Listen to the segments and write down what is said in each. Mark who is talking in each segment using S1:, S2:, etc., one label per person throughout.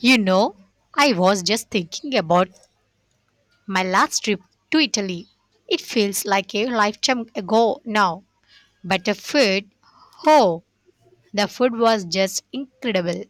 S1: You know, I was just thinking about my last trip to Italy. It feels like a lifetime ago now. But the food, oh, the food was just incredible.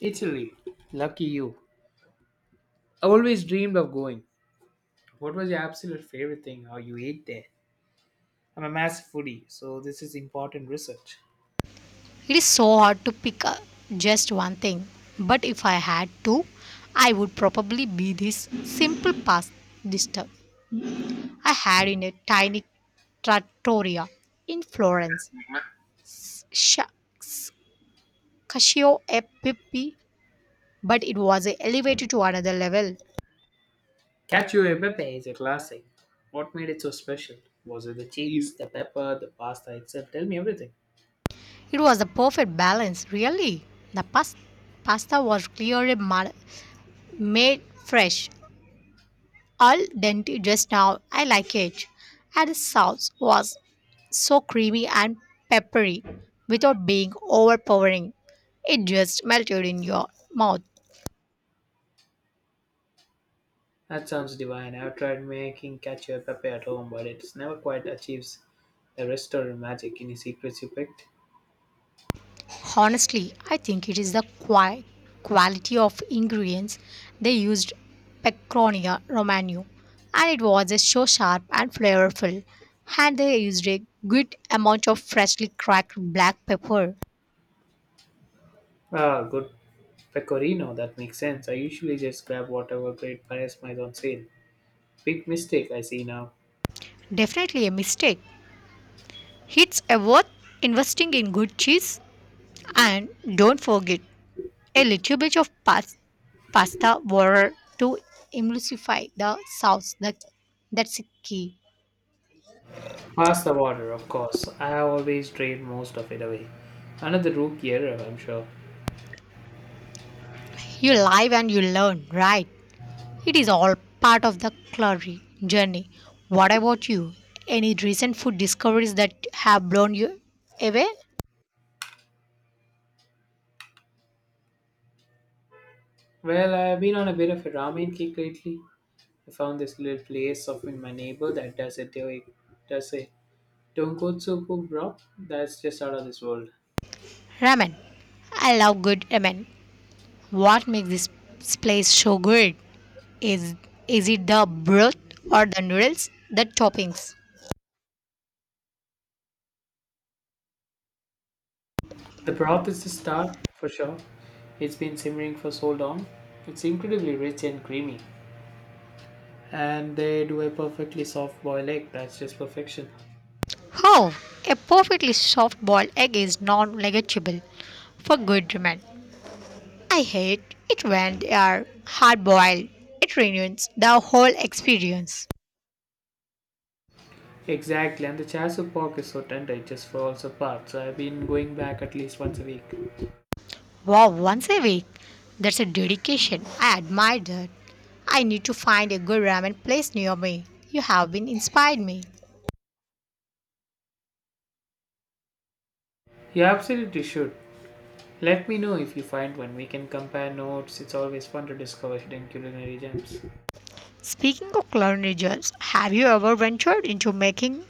S2: Italy. Lucky you. I've always dreamed of going. What was your absolute favorite thing or you ate there? I'm a massive foodie, so this is important research.
S1: It is so hard to pick just one thing. But if I had to, I would probably be this simple pasta dish I had in a tiny trattoria in Florence. Shucks, cacio e pepe, but it was elevated to another level.
S2: Cacio e pepe is a classic. What made it so special? Was it the cheese, the pepper, the pasta itself? Tell me everything.
S1: It was the perfect balance, really. The pasta was clearly made fresh, al dente just now. I like it. And the sauce was so creamy and peppery without being overpowering. It just melted in your mouth.
S2: That sounds divine. I've tried making cacio e pepe at home, but it's never quite achieves the restaurant magic. Any secrets you picked?
S1: Honestly, I think it is the quality of ingredients they used Pecronia Romano, and it was just so sharp and flavorful. And they used a good amount of freshly cracked black pepper.
S2: Ah, good pecorino. That makes sense. I usually just grab whatever great price might on sale. Big mistake I see now.
S1: Definitely a mistake. It's a worth investing in good cheese, and don't forget a little bit of pasta water to emulsify the sauce. That's a key.
S2: Pass the water, of course. I have always drained most of it away. Another rookie error, I'm sure.
S1: You live and you learn, right? It is all part of the culinary journey. What about you? Any recent food discoveries that have blown you away?
S2: Well, I've been on a bit of a ramen kick lately. I found this little place up in my neighbor that does a tonkotsu cook broth that's just out of this world.
S1: Ramen. I love good ramen. What makes this place so good? Is is it the broth or the noodles, the toppings?
S2: The broth is the star for sure. It's been simmering for so long. It's incredibly rich and creamy, and they do a perfectly soft boiled egg that's just perfection.
S1: How a perfectly soft boiled egg is non-negotiable for good ramen. I hate it when they are hard boiled. It ruins the whole experience.
S2: Exactly, and the Chasu pork is so tender it just falls apart, so I've been going back at least once a week.
S1: Wow, once a week. That's a dedication. I admire that. I need to find a good ramen place near me. You have been inspired me.
S2: You absolutely should. Let me know if you find one. We can compare notes. It's always fun to discover hidden culinary gems.
S1: Speaking of culinary, have you ever ventured into making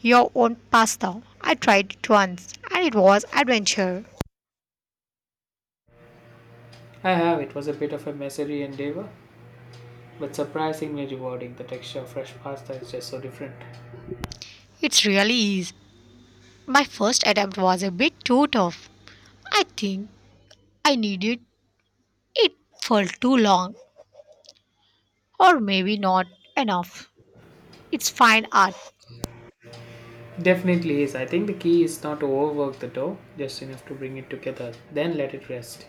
S1: your own pasta? I tried it once and it was adventure.
S2: I have. It was a bit of a messy endeavor, but surprisingly rewarding. The texture of fresh pasta is just so different.
S1: It really is. My first attempt was a bit too tough. I think I needed it for too long or maybe not enough. It's fine art.
S2: Definitely is. I think the key is not to overwork the dough, just enough to bring it together. Then let it rest.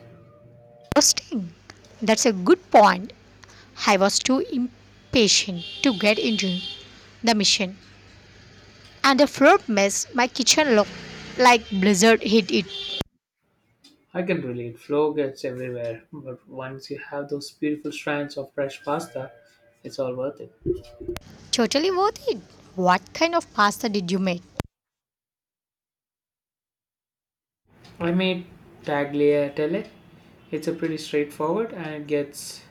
S1: Interesting. That's a good point. I was too impatient to get into the mission, and the floor mess my kitchen looked like blizzard hit it.
S2: I can relate. Flow gets everywhere, but once you have those beautiful strands of fresh pasta, it's all worth it.
S1: Totally worth it. What kind of pasta did you make?
S2: I made tagliatelle. It's a pretty straightforward and it gets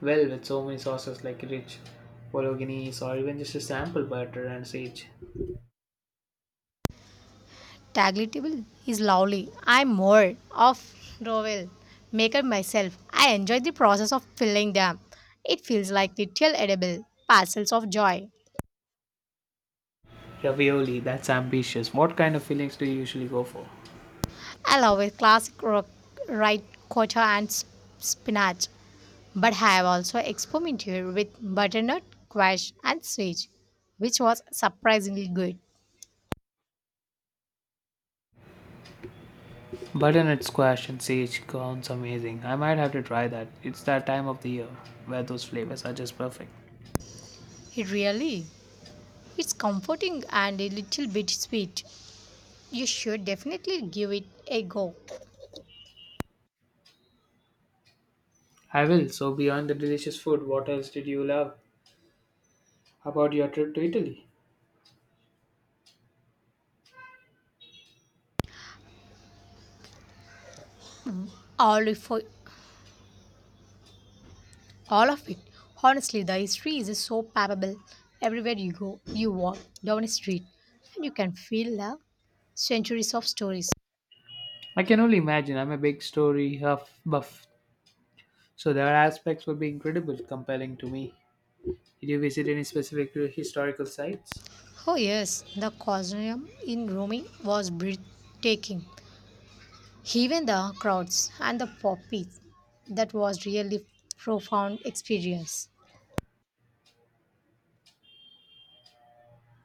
S2: well with so many sauces like rich bolognese or even just a sample butter and sage.
S1: Tagli is lovely. I'm more of rovel maker myself. I enjoy the process of filling them. It feels like little edible parcels of joy.
S2: Ravioli, that's ambitious. What kind of fillings do you usually go for?
S1: I love it. Classic rock, right quinoa and spinach. But have also experimented with butternut, squash, and sage, which was surprisingly good.
S2: Butternut squash and sage sounds amazing. I might have to try that. It's that time of the year where those flavors are just perfect.
S1: It really, it's comforting and a little bit sweet. You should definitely give it a go.
S2: I will. So, beyond the delicious food, what else did you love about your trip to Italy?
S1: All of, all of it. Honestly, the history is so palpable. Everywhere you go, you walk down a street, and you can feel the centuries of stories.
S2: I can only imagine. I'm a big story huff buff, so their aspects would be incredible, compelling to me. Did you visit any specific historical sites?
S1: Oh, yes, the Colosseum in Rome was breathtaking. Even the crowds and the poppies, that was really profound experience.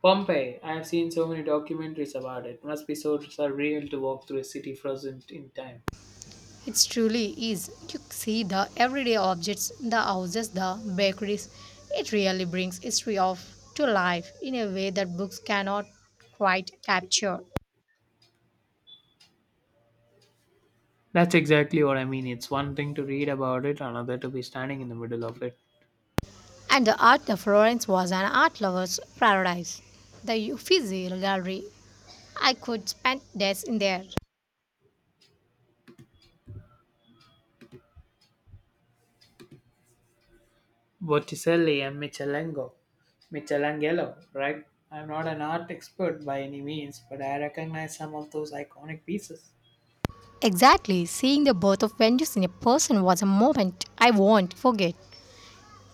S2: Pompeii. I have seen so many documentaries about it. Must be so surreal to walk through a city frozen in time.
S1: It truly is. You see the everyday objects, the houses, the bakeries. It really brings history of to life in a way that books cannot quite capture.
S2: That's exactly what I mean. It's one thing to read about it, another to be standing in the middle of it.
S1: And the art of Florence was an art lover's paradise. The Uffizi Gallery I could spend days in there.
S2: Botticelli and Michelango. Michelangelo, right? I'm not an art expert by any means, but I recognize some of those iconic pieces.
S1: Exactly, seeing the birth of Venus in a person was a moment I won't forget.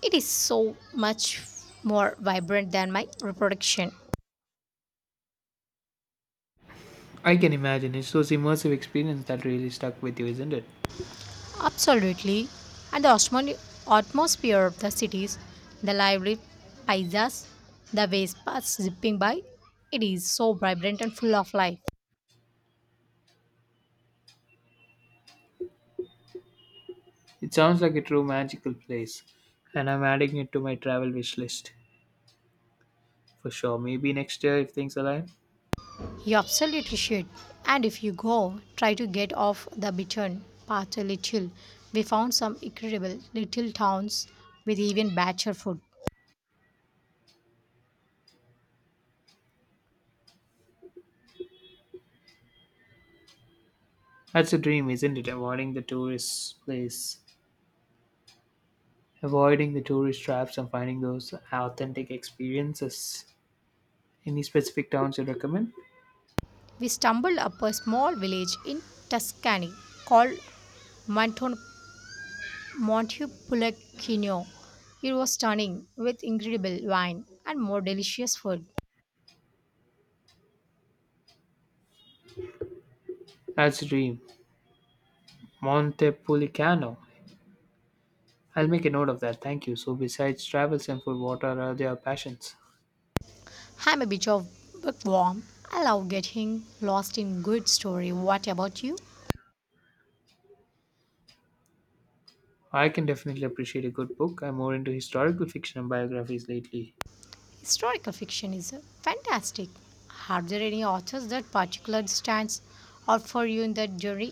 S1: It is so much more vibrant than my reproduction.
S2: I can imagine. It's those immersive experiences that really stuck with you, isn't it?
S1: Absolutely. And the atmosphere of the cities, the lively paisas, the Vespas zipping by, it is so vibrant and full of life.
S2: It sounds like a true magical place, and I'm adding it to my travel wish list for sure. Maybe next year if things align.
S1: You absolutely should. And if you go, try to get off the beaten path a little. We found some incredible little towns with even better food.
S2: That's a dream, isn't it? Avoiding the tourist place, avoiding the tourist traps, and finding those authentic experiences. Any specific towns you recommend?
S1: We stumbled upon a small village in Tuscany called Monton- Montepulciano. It was stunning, with incredible wine and more delicious food.
S2: That's a dream. Montepulciano. I'll make a note of that. Thank you. So, besides travels and food, what are their passions?
S1: I'm a bit of bookworm. I love getting lost in good story. What about you?
S2: I can definitely appreciate a good book. I'm more into historical fiction and biographies lately.
S1: Historical fiction is fantastic. Are there any authors that particular stands out for you in that genre?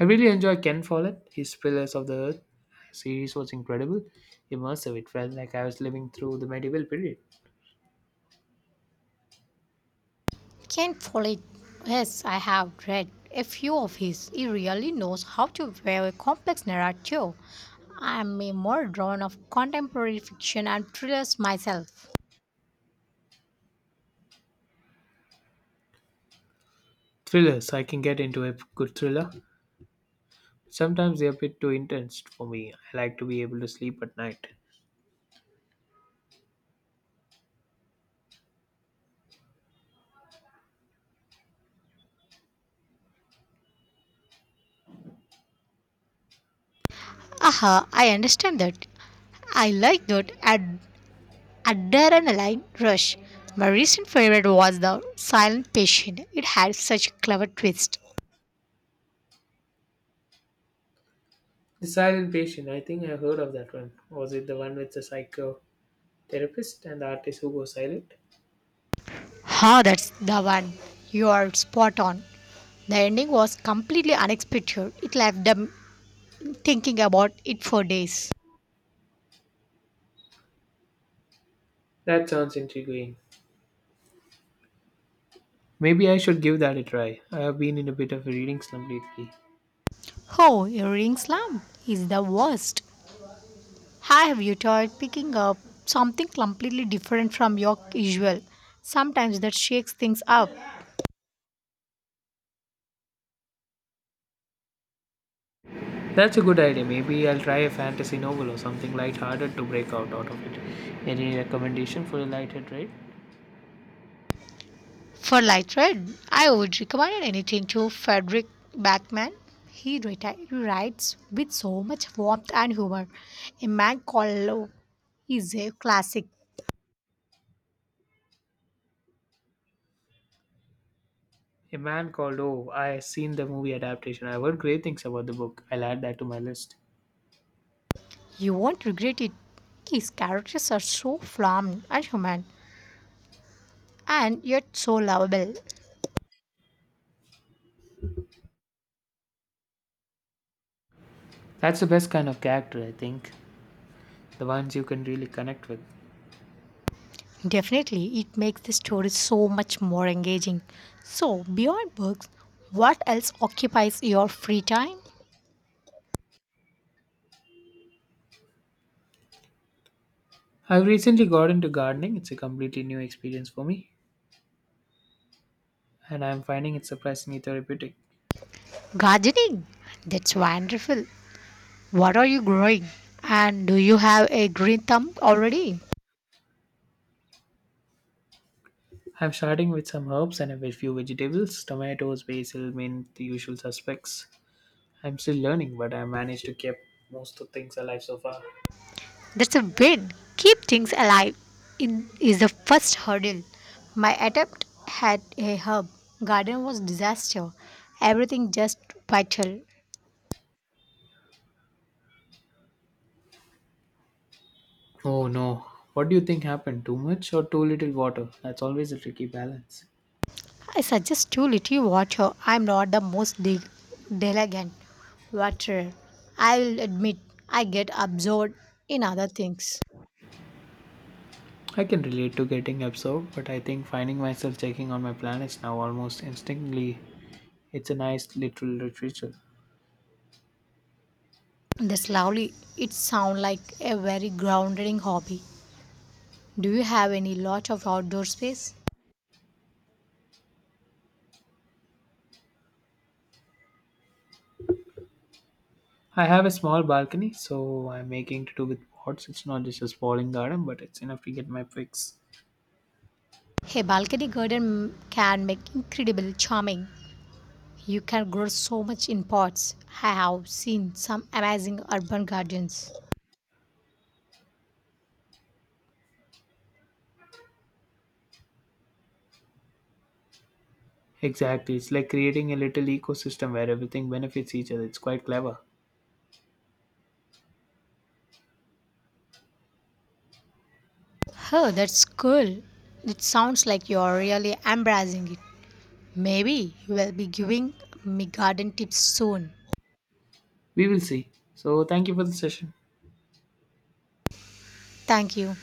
S2: I really enjoy Ken Follett. His Pillars of the Earth series was incredible, immersive. It felt like I was living through the medieval period.
S1: Can't follow it. Yes, I have read a few of his. He really knows how to weave a complex narrative. I am a more drawn of contemporary fiction and thrillers myself.
S2: Thrillers. I can get into a good thriller. Sometimes they're a bit too intense for me. I like to be able to sleep at night.
S1: Aha, I understand that. I like that adrenaline rush. My recent favorite was The Silent Patient. It had such a clever twist.
S2: The Silent Patient. I think I heard of that one. Was it the one with the psycho? Therapist and the artist who goes silent?
S1: Ha, that's the one. You are spot on. The ending was completely unexpected. It left a thinking about it for days.
S2: That sounds intriguing. Maybe I should give that a try. I have been in a bit of a reading slump lately.
S1: Oh, earring slump is the worst. Have you tried picking up something completely different from your usual? Sometimes that shakes things up.
S2: That's a good idea. Maybe I'll try a fantasy novel or something lighthearted to break out of it. Any recommendation for a lighthearted read?
S1: For light thread, I would recommend anything to Frederick Backman. He writes with so much warmth and humor. A man called Love is a classic.
S2: A man called Oh, I have seen the movie adaptation. I heard great things about the book. I'll add that to my list.
S1: You won't regret it. His characters are so flawed and human, and yet so lovable.
S2: That's the best kind of character, I think. The ones you can really connect with.
S1: Definitely, it makes the story so much more engaging. So, beyond books, what else occupies your free time?
S2: I've recently got into gardening. It's a completely new experience for me, and I'm finding it surprisingly therapeutic.
S1: Gardening. That's wonderful. What are you growing? And do you have a green thumb already?
S2: I'm starting with some herbs and a few vegetables tomatoes, basil, mint, the usual suspects. I'm still learning, but I managed to keep most of things alive so far.
S1: That's a win. Keep things alive in, is the first hurdle. My attempt had a herb garden was disaster. Everything just vital.
S2: Oh no. What do you think happened? Too much or too little water? That's always a tricky balance.
S1: I suggest too little water. I'm not the most diligent waterer. I'll admit I get absorbed in other things.
S2: I can relate to getting absorbed, but I think finding myself checking on my planets now almost instinctively, it's a nice little ritual.
S1: That's lovely. It sounds like a very grounding hobby. Do you have any lot of outdoor space?
S2: I have a small balcony, so I'm making to do with pots. It's not just a sprawling garden, but it's enough to get my fix.
S1: A balcony garden can make incredible charming. You can grow so much in pots. I have seen some amazing urban gardens.
S2: Exactly. It's like creating a little ecosystem where everything benefits each other. It's quite clever.
S1: Oh, that's cool. It sounds like you're really embracing it. Maybe you will be giving me garden tips soon.
S2: We will see. So, thank you for the session.
S1: Thank you.